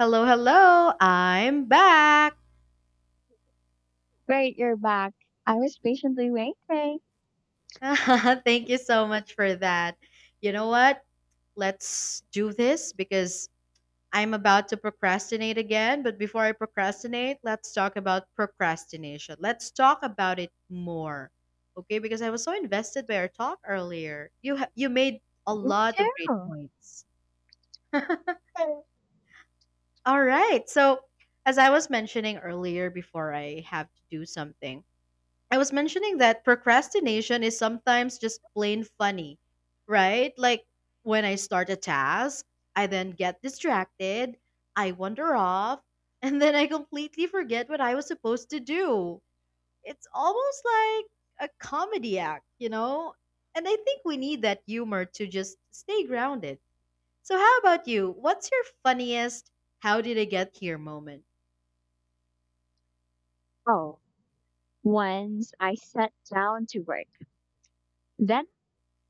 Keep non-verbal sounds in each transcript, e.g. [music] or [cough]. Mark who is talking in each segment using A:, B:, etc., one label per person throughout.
A: Hello, hello. I'm back.
B: Great, you're back. I was patiently waiting.
A: [laughs] Thank you so much for that. You know what? Let's do this because I'm about to procrastinate again. But before I procrastinate, let's talk about procrastination. Let's talk about it more. Okay? Because I was so invested by our talk earlier. You made a
B: Me
A: lot of great
B: too.
A: points. [laughs] All right. So, as I was mentioning earlier before I have to do something, I was mentioning that procrastination is sometimes just plain funny, right? Like when I start a task, I then get distracted, I wander off, [laughs] and then I completely forget what I was supposed to do. It's almost like a comedy act, you know? And I think we need that humor to just stay grounded. So, how about you? What's your funniest how did I get here moment?
B: Oh, once I sat down to work. Then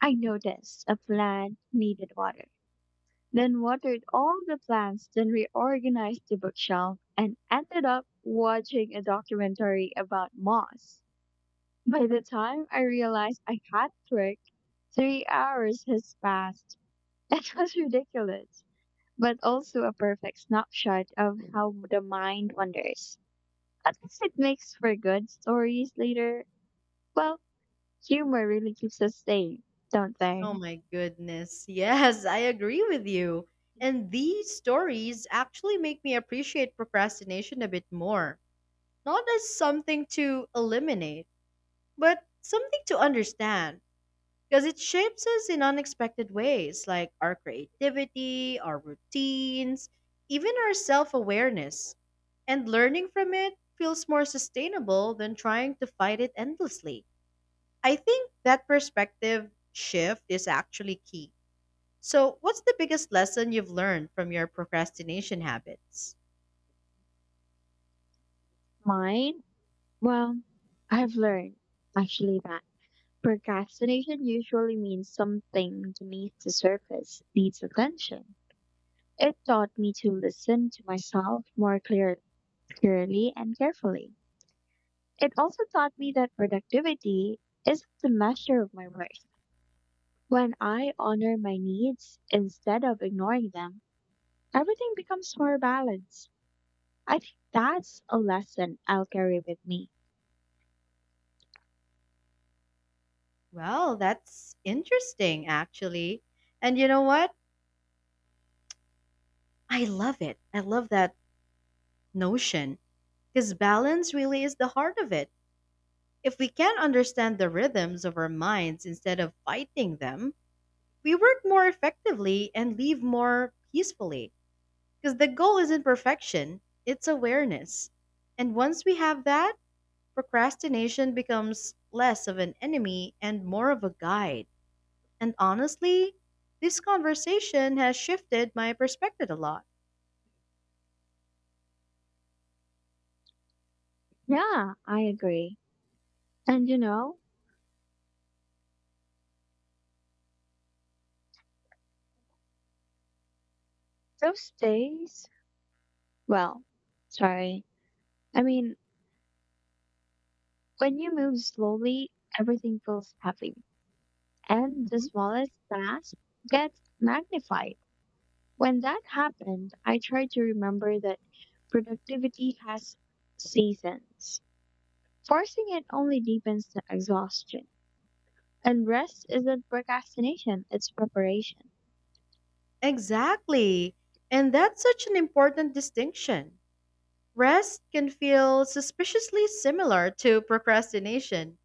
B: I noticed a plant needed water. Then watered all the plants, then reorganized the bookshelf, and ended up watching a documentary about moss. By the time I realized I had trick, 3 hours has passed. [laughs] It was ridiculous, but also a perfect snapshot of how the mind wanders. At least it makes for good stories later. Well, humor really keeps us sane, don't
A: Oh
B: they?
A: my goodness. Yes, I agree with you. And these stories actually make me appreciate procrastination a bit more. Not as something to eliminate, but something to understand. Because it shapes us in unexpected ways, like our creativity, our routines, even our self awareness. And learning from it feels more sustainable than trying to fight it endlessly. I think that perspective shift is actually key. So, what's the biggest lesson you've learned from your procrastination habits?
B: Mine? Well, I've learned actually that. Procrastination usually means something beneath the surface needs attention. It taught me to listen to myself more clearly and carefully. It also taught me that productivity isn't the measure of my worth. When I honor my needs instead of ignoring them, everything becomes more balanced. I think that's a lesson I'll carry with me.
A: Well, that's interesting, actually. And you know what? I love it. I love that notion because balance really is the heart of it. If we can understand the rhythms of our minds instead of fighting them, we work more effectively and live more peacefully. Because the goal isn't perfection, it's awareness. And once we have that, procrastination becomes less of an enemy and more of a guide. And honestly, this conversation has shifted my perspective a lot.
B: Yeah, I agree. And those days, well, sorry. I mean, when you move slowly, everything feels heavy, and the
A: Mhm.
B: smallest task gets magnified. When that happened, I try to remember that productivity has seasons. Forcing it only deepens the exhaustion. And rest isn't procrastination, it's preparation.
A: Exactly. And that's such an important distinction. Rest can feel suspiciously similar to procrastination,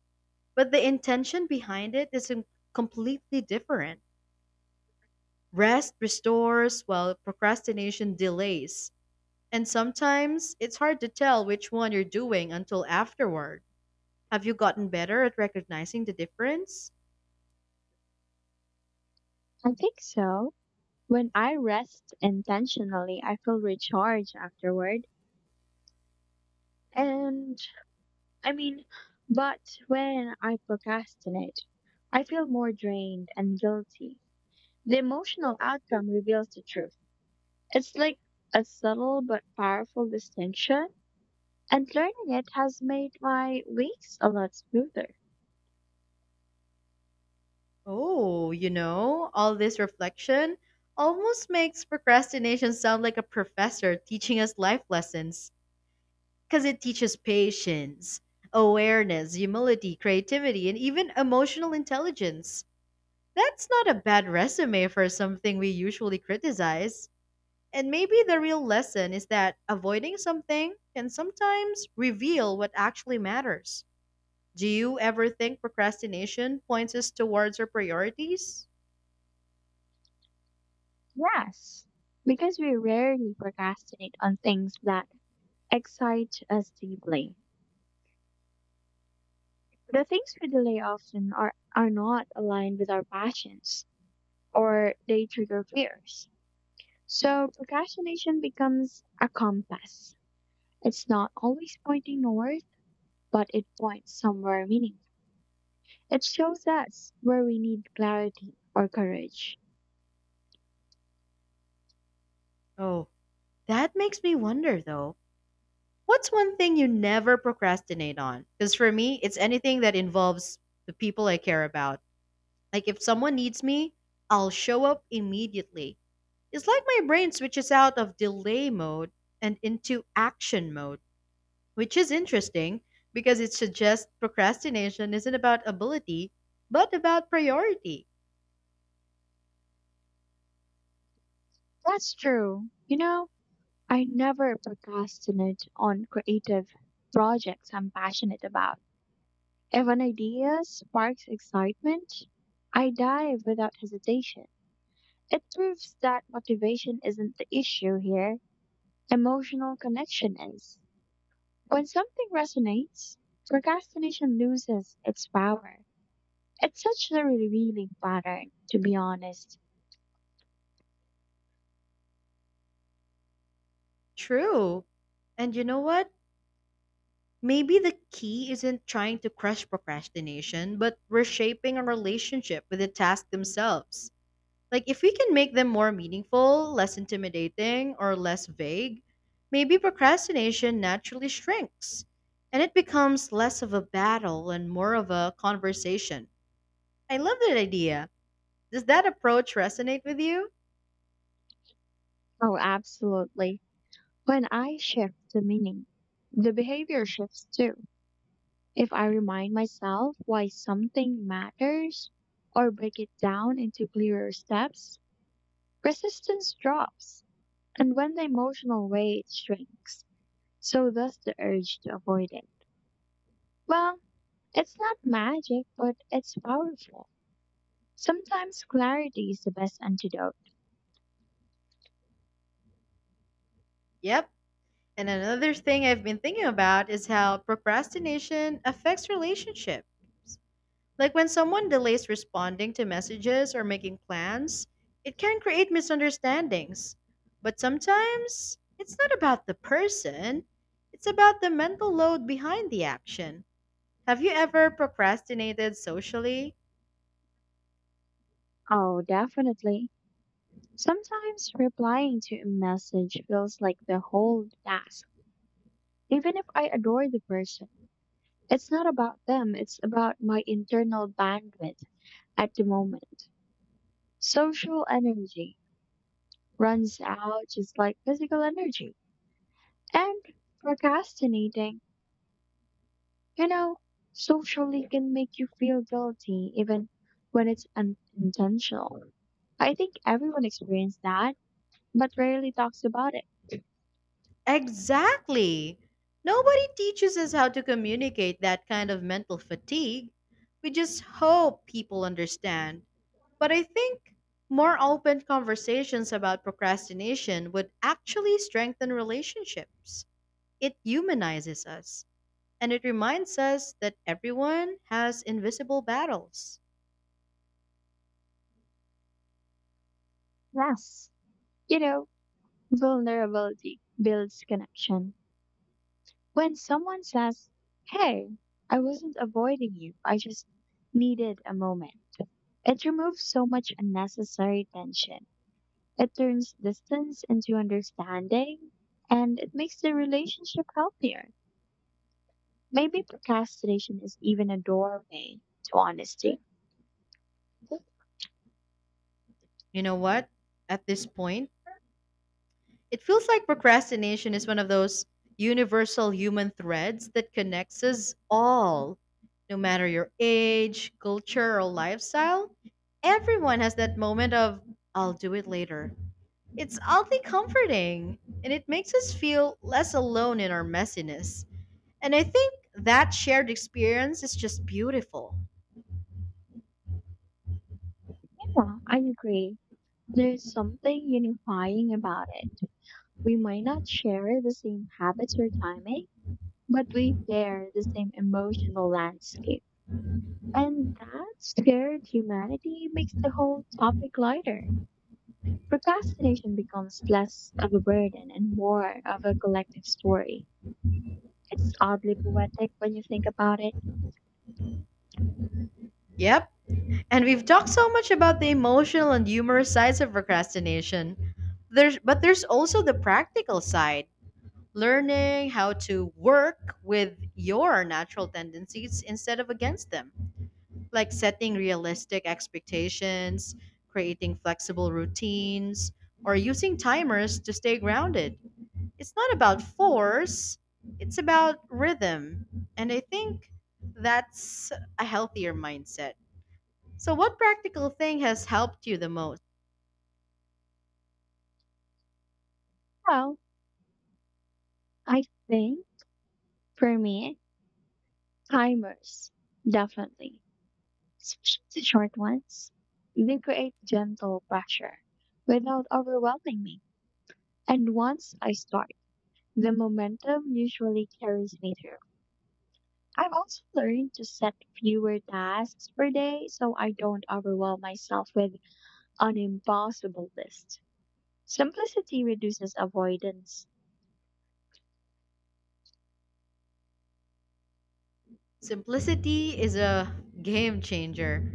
A: but the intention behind it is completely different. Rest restores while procrastination delays. And sometimes it's hard to tell which one you're doing until afterward. Have you gotten better at recognizing the difference?
B: I think so. When I rest intentionally, I feel recharged afterward. And I mean, but when I procrastinate, I feel more drained and guilty. The emotional outcome reveals the truth. It's like a subtle but powerful distinction, and learning it has made my weeks a lot smoother.
A: Oh, you know, all this reflection almost makes procrastination sound like a professor teaching us life lessons because it teaches patience, awareness, humility, creativity, and even emotional intelligence. That's not a bad resume for something we usually criticize. And maybe the real lesson is that avoiding something can sometimes reveal what actually matters. Do you ever think procrastination points us towards our priorities?
B: Yes, because we rarely procrastinate on things that excite us deeply. The things we delay often are not aligned with our passions, or they trigger fears. So procrastination becomes a compass. It's not always pointing north, but it points somewhere meaningful. It shows us where we need clarity or courage.
A: Oh, that makes me wonder though. What's one thing you never procrastinate on? Because for me, it's anything that involves the people I care about. Like if someone needs me, I'll show up immediately. It's like my brain switches out of delay mode and into action mode, which is interesting because it suggests procrastination isn't about ability, but about priority.
B: That's true. You know, I never procrastinate on creative projects I'm passionate about. If an idea sparks excitement, I dive without hesitation. It proves that motivation isn't the issue here, emotional connection is. When something resonates, procrastination loses its power. It's such a revealing pattern, to be honest.
A: True. And you know what? Maybe the key isn't trying to crush procrastination, but reshaping our relationship with the task themselves. Like, if we can make them more meaningful, less intimidating, or less vague, maybe procrastination naturally shrinks and it becomes less of a battle and more of a conversation. I love that idea. Does that approach resonate with you?
B: Oh, absolutely. When I shift the meaning, the behavior shifts too. If I remind myself why something matters or break it down into clearer steps, resistance drops. And when the emotional weight shrinks, so does the urge to avoid it. Well, it's not magic, but it's powerful. Sometimes clarity is the best antidote.
A: Yep. And another thing I've been thinking about is how procrastination affects relationships. Like when someone delays responding to messages or making plans, it can create misunderstandings. But sometimes it's not about the person, it's about the mental load behind the action. Have you ever procrastinated socially?
B: Oh, definitely. Sometimes replying to a message feels like the whole task, even if I adore the person. It's not about them, it's about my internal bandwidth at the moment. Social energy runs out just like physical energy. And procrastinating, you know, socially can make you feel guilty even when it's unintentional. I think everyone experienced that but rarely talks about it.
A: Exactly! Nobody teaches us how to communicate that kind of mental fatigue. We just hope people understand. But I think more open conversations about procrastination would actually strengthen relationships. It humanizes us and it reminds us that everyone has invisible battles.
B: Yes. You know, vulnerability builds connection. When someone says, "Hey, I wasn't avoiding you, I just needed a moment," it removes so much unnecessary tension. It turns distance into understanding, and it makes the relationship healthier. Maybe procrastination is even a doorway to honesty.
A: You know what? At this point, it feels like procrastination is one of those universal human threads that connects us all. No matter your age, culture, or lifestyle, everyone has that moment of, I'll do it later. It's oddly comforting, and it makes us feel less alone in our messiness. And I think that shared experience is just beautiful.
B: Yeah, I agree. There's something unifying about it. We might not share the same habits or timing, but we bear the same emotional landscape. And that shared humanity makes the whole topic lighter. Procrastination becomes less of a burden and more of a collective story. It's oddly poetic when you think about it.
A: Yep, and we've talked so much about the emotional and humorous sides of procrastination. There's also the practical side, learning how to work with your natural tendencies instead of against them, like setting realistic expectations, creating flexible routines, or using timers to stay grounded. It's not about force, it's about rhythm, and I think that's a healthier mindset. So what practical thing has helped you the most?
B: Well, I think for me, timers, definitely, especially the short ones, they create gentle pressure without overwhelming me. And once I start, the momentum usually carries me through. I've also learned to set fewer tasks per day so I don't overwhelm myself with an impossible list. Simplicity reduces avoidance.
A: Simplicity is a game changer.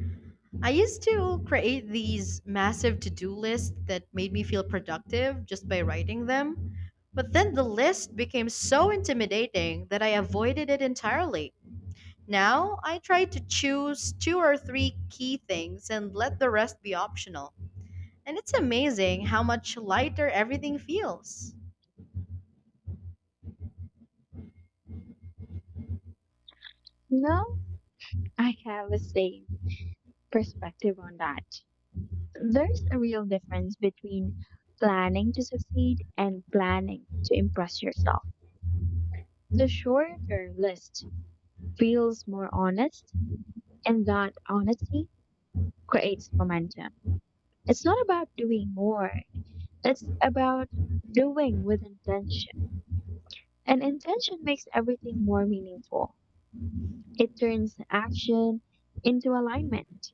A: I used to create these massive to-do lists that made me feel productive just by writing them, but then the list became so intimidating that I avoided it entirely. Now I try to choose two or three key things and let the rest be optional. And it's amazing how much lighter everything feels.
B: No, I have a same perspective on that. There's a real difference between planning to succeed and planning to impress yourself. The shorter list feels more honest, and that honesty creates momentum. It's not about doing more, it's about doing with intention. And intention makes everything more meaningful. It turns action into alignment.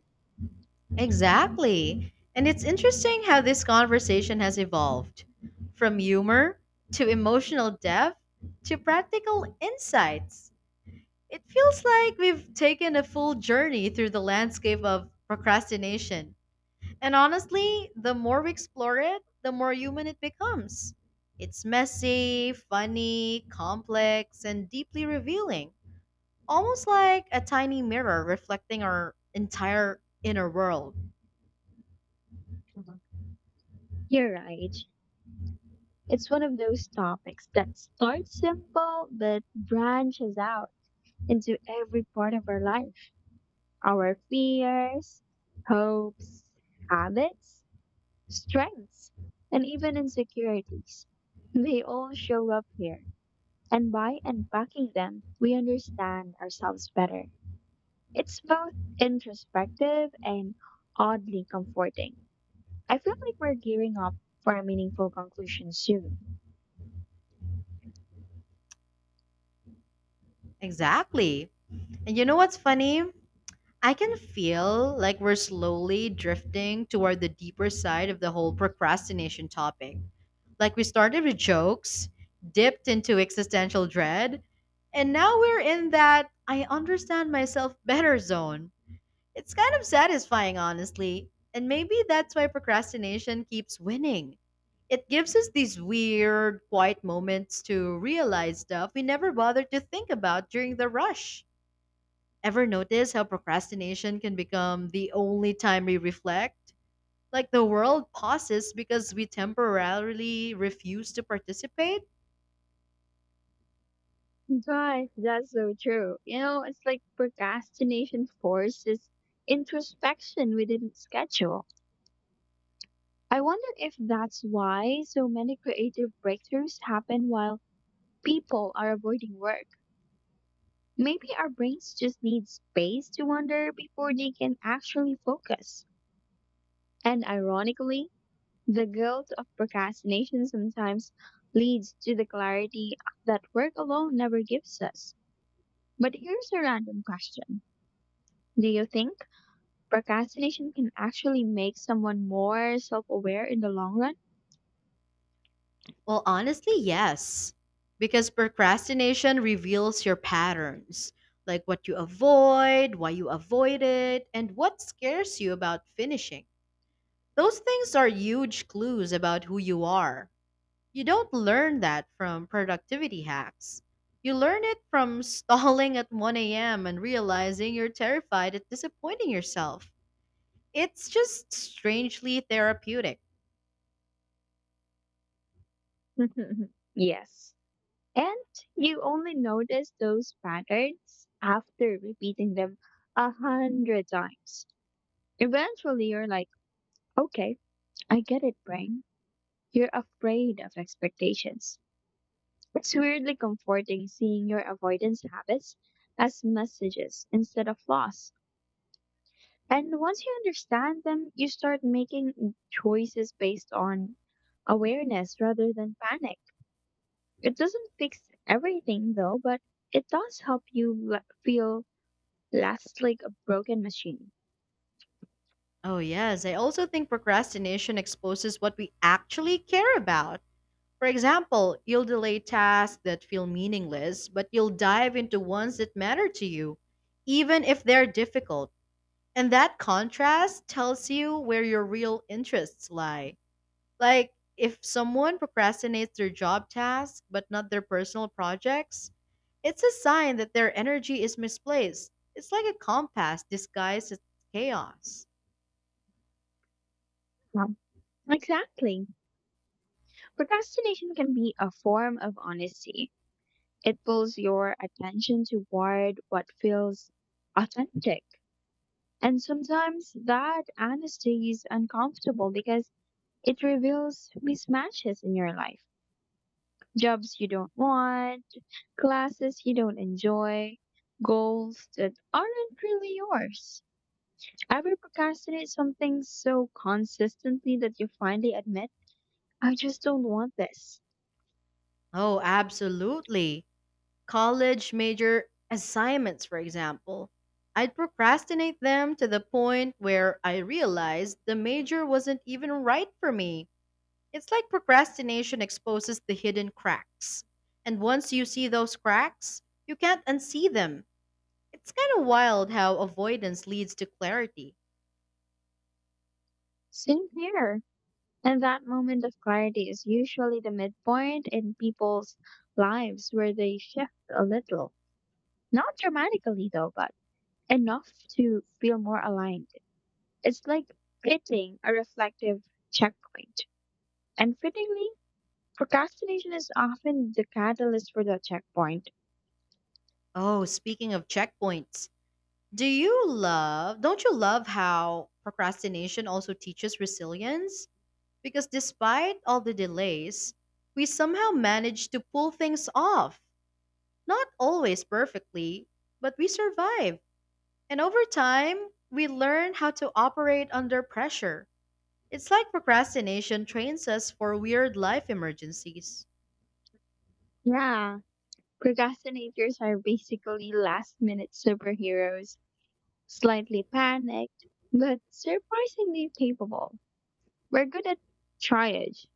A: Exactly. And it's interesting how this conversation has evolved from humor to emotional depth to practical insights. It feels like we've taken a full journey through the landscape of procrastination. And honestly, the more we explore it, the more human it becomes. It's messy, funny, complex, and deeply revealing. Almost like a tiny mirror reflecting our entire inner world.
B: Mhm. You're right. It's one of those topics that starts simple but branches out into every part of our life, our fears, hopes, habits, strengths, and even insecurities. They all show up here. And by unpacking them, we understand ourselves better. It's both introspective and oddly comforting. I feel like we're gearing up for a meaningful conclusion soon.
A: Exactly. And you know what's funny? I can feel like we're slowly drifting toward the deeper side of the whole procrastination topic. Like we started with jokes, dipped into existential dread, and now we're in that I understand myself better zone. It's kind of satisfying, honestly. And maybe that's why procrastination keeps winning. It gives us these weird, quiet moments to realize stuff we never bothered to think about during the rush. Ever notice how procrastination can become the only time we reflect? Like the world pauses because we temporarily refuse to participate?
B: Gosh, that's so true. You know, it's like procrastination forces introspection within its schedule. I wonder if that's why so many creative breakthroughs happen while people are avoiding work. Maybe our brains just need space to wander before they can actually focus. And ironically, the guilt of procrastination sometimes leads to the clarity that work alone never gives us. But here's a random question. Do you think procrastination can actually make someone more self aware in the long run?
A: Well, honestly, yes. Because procrastination reveals your patterns, like what you avoid, why you avoid it, and what scares you about finishing. Those things are huge clues about who you are. You don't learn that from productivity hacks. You learn it from [laughs] stalling at 1 a.m. and realizing you're terrified at disappointing yourself. It's just strangely therapeutic.
B: [laughs] Yes. And you only notice those patterns after repeating them 100 times. Eventually, you're like, okay, I get it, brain. You're afraid of expectations. It's weirdly comforting seeing your avoidance habits as messages instead of loss. And once you understand them, you start making choices based on awareness rather than panic. It doesn't fix everything, though, but it does help you feel less like a broken machine.
A: Oh, yes. I also think procrastination exposes what we actually care about. For example, you'll delay tasks that feel meaningless, but you'll dive into ones that matter to you, even if they're difficult. And that contrast tells you where your real interests lie. Like, if someone procrastinates their job tasks but not their personal projects, it's a sign that their energy is misplaced. It's like a compass disguised as chaos.
B: Um, exactly. Procrastination can be a form of honesty. It pulls your attention toward what feels authentic. And sometimes that honesty is uncomfortable because it reveals mismatches in your life. Jobs you don't want, classes you don't enjoy, goals that aren't really yours. Ever procrastinate something so consistently that you finally admit, "I just don't want this?"
A: Oh, absolutely. College major assignments, for example. I'd procrastinate them to the point where I realized the major wasn't even right for me. It's like procrastination exposes the hidden cracks. And once you see those cracks, you can't unsee them. It's kind of wild how avoidance leads to clarity.
B: Same here. And that moment of clarity is usually the midpoint in people's lives where they shift a little. Not dramatically, though, but enough to feel more aligned. It's like hitting a reflective checkpoint. And fittingly, procrastination is often the catalyst for the checkpoint.
A: Oh, speaking of checkpoints, don't you love how procrastination also teaches resilience? Because despite all the delays, we somehow managed to pull things off. Not always perfectly, but we survived. And over time, we learn how to operate under pressure. It's like procrastination trains us for weird life emergencies.
B: Yeah. Procrastinators are basically last minute superheroes, slightly panicked, but surprisingly capable. We're good at triage,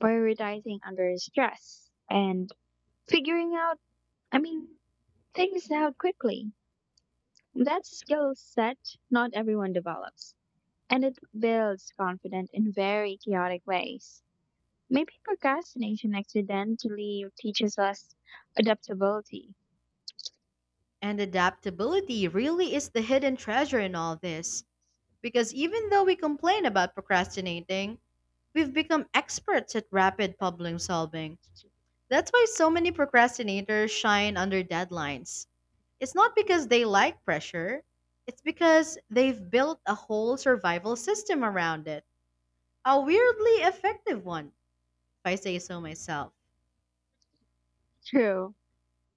B: prioritizing under stress, and figuring out, I mean, things out quickly. That's a skill set not everyone develops, and it builds confidence in very chaotic ways. Maybe procrastination accidentally teaches us adaptability.
A: And adaptability really is the hidden treasure in all this, because even though we complain about procrastinating, we've become experts at rapid problem solving. That's why so many procrastinators shine under deadlines. It's not because they like pressure, it's because they've built a whole survival system around it. A weirdly effective one, if I say so myself.
B: True,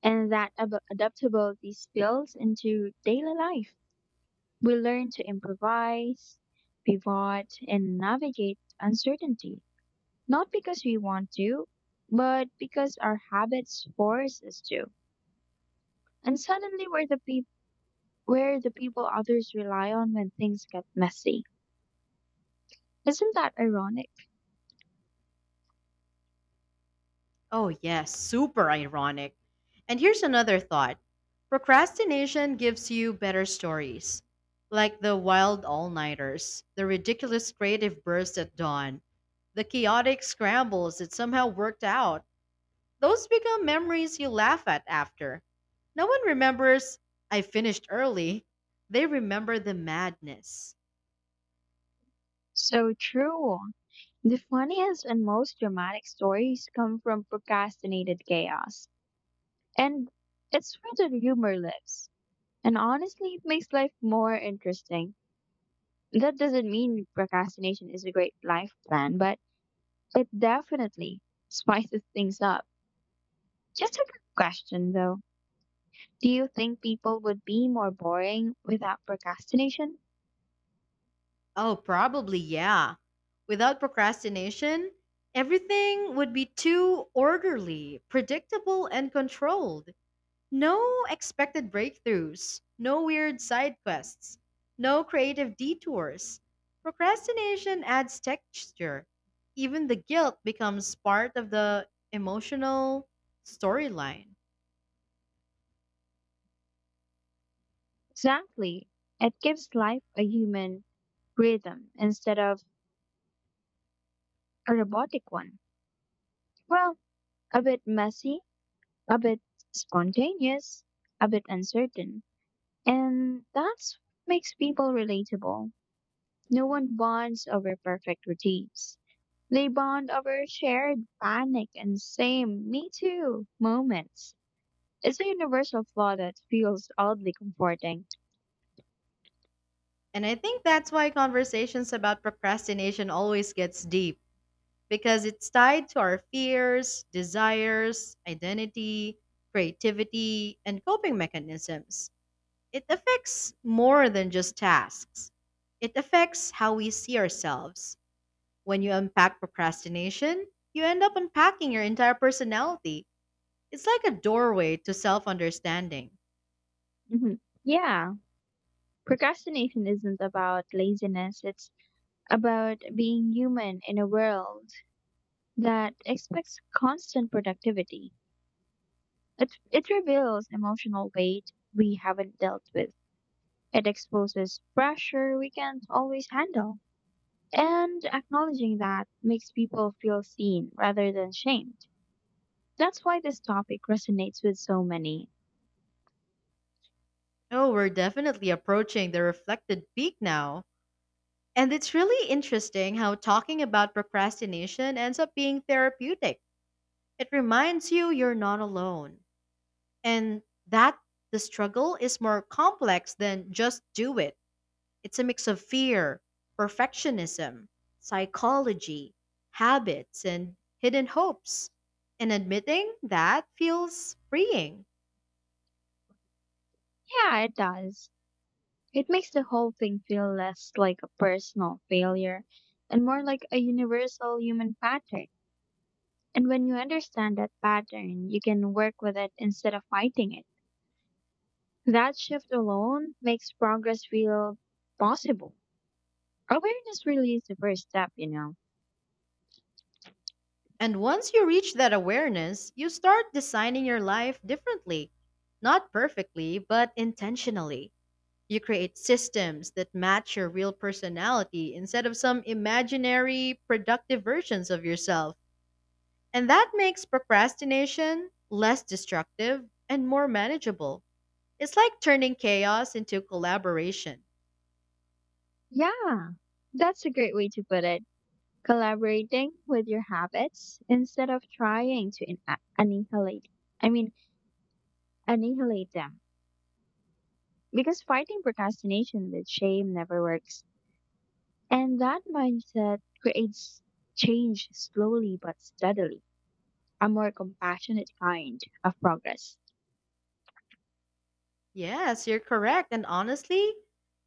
B: and that adaptability spills into daily life. We learn to improvise, pivot, and navigate uncertainty, not because we want to, but because our habits force us to. And suddenly, we're the people others rely on when things get messy. Isn't that ironic?
A: Oh, yes, super ironic. And here's another thought, procrastination gives you better stories, like the wild all nighters, the ridiculous creative bursts at dawn, the chaotic scrambles that somehow worked out. Those become memories you laugh at after. No one remembers, I finished early. They remember the madness.
B: So true. The funniest and most dramatic stories come from procrastinated chaos. And it's where the humor lives. And honestly, it makes life more interesting. That doesn't mean procrastination is a great life plan, but it definitely [laughs] spices things up. Just a quick question though. Do you think people would be more boring without procrastination?
A: Oh, probably, yeah. Without procrastination, everything would be too orderly, predictable, and controlled. No expected breakthroughs, no weird side quests, no creative detours. Procrastination adds texture. Even the guilt becomes part of the emotional storyline.
B: Exactly. It gives life a human rhythm instead of a robotic one. Well, a bit messy, a bit spontaneous, a bit uncertain. And that's what makes people relatable. No one bonds over perfect routines. They bond over shared panic and same me too moments. It's a universal flaw that feels oddly comforting.
A: And I think that's why conversations about procrastination always gets deep because it's tied to our fears, desires, identity, creativity, and coping mechanisms. It affects more than just tasks. It affects how we see ourselves. When you unpack procrastination, you end up unpacking your entire personality. It's like a doorway to self understanding.
B: Hmm. Yeah, procrastination isn't about laziness, it's about being human in a world that expects constant productivity. It reveals emotional weight we haven't dealt with. It exposes pressure we can't always handle. And acknowledging that makes people feel seen rather than shamed. That's why this topic resonates with so many.
A: Oh, we're definitely approaching the reflected peak now. And it's really interesting how talking about procrastination ends up being therapeutic. It reminds you you're not alone, and that the struggle is more complex than just do it. It's a mix of fear, perfectionism, psychology, habits, and hidden hopes. And admitting that feels freeing.
B: Yeah, it does. It makes the whole thing feel less like a personal failure and more like a universal human pattern. And when you understand that pattern, you can work with it instead of fighting it. That shift alone makes progress feel possible. Awareness really is the first step.
A: And once you reach that awareness, you start designing your life differently. Not perfectly, but intentionally. You create systems that match your real personality instead of some imaginary, productive versions of yourself. And that makes procrastination less destructive and more manageable. It's like turning chaos into collaboration.
B: Yeah, that's a great way to put it. Collaborating with your habits instead of trying to in- a- annihilate I mean annihilate them, because fighting procrastination with shame never works, and that mindset creates change slowly but steadily, a more compassionate kind of progress.
A: Yes, you're correct. And honestly,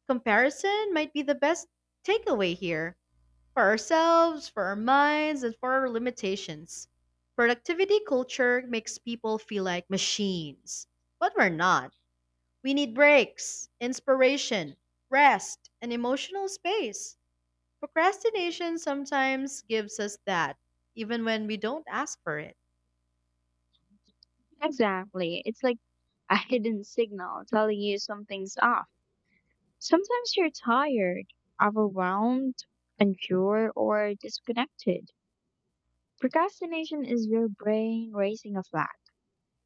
A: comparison might be the best takeaway here for ourselves, for our minds, and for our limitations. Productivity culture makes people feel like machines, but we're not. We need breaks, inspiration, rest, and emotional space. Procrastination sometimes gives us that, even when we don't ask for it.
B: Exactly. It's like a hidden signal telling you something's off. Sometimes you're tired, overwhelmed, unsure, or disconnected. Procrastination is your brain raising a flag.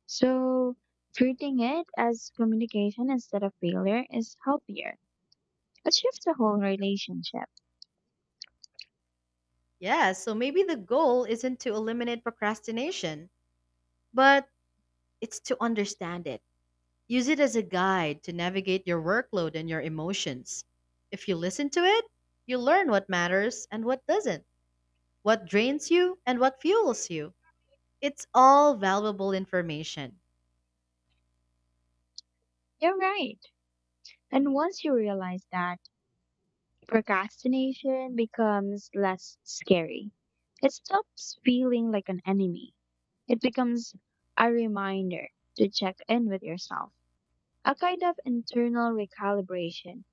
B: So, treating it as communication instead of failure is healthier. It shifts the whole relationship.
A: Yeah, so maybe the goal isn't to eliminate procrastination, but it's to understand it. Use it as a guide to navigate your workload and your emotions. If you listen to it, you learn what matters and what doesn't, what drains you and what fuels you. It's all valuable information.
B: You're right. And once you realize that, procrastination becomes less scary. It stops feeling like an enemy. It becomes a reminder to check in with yourself, a kind of internal recalibration.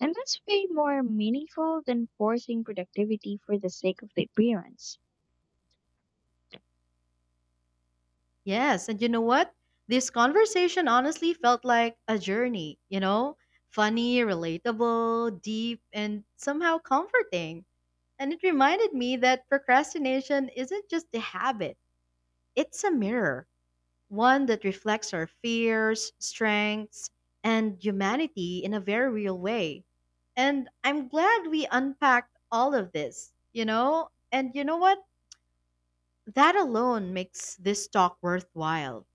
B: And that's way more meaningful than forcing productivity for the sake of the appearance.
A: Yes, and you know what? This conversation honestly felt like a journey, you know? Funny, relatable, deep, and somehow comforting. And it reminded me that procrastination isn't just a habit, it's a mirror, one that reflects our fears, strengths, and humanity in a very real way. And I'm glad we unpacked all of this, you know? And you know what? That alone makes this talk worthwhile.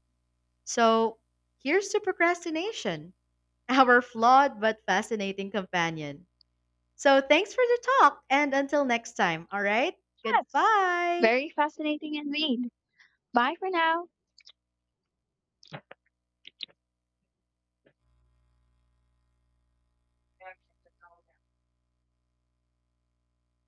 A: So here's to procrastination, [laughs] our flawed but fascinating companion. So thanks for the talk, and until next time, all right?
B: Yes,
A: Goodbye.
B: very fascinating indeed. Bye for now.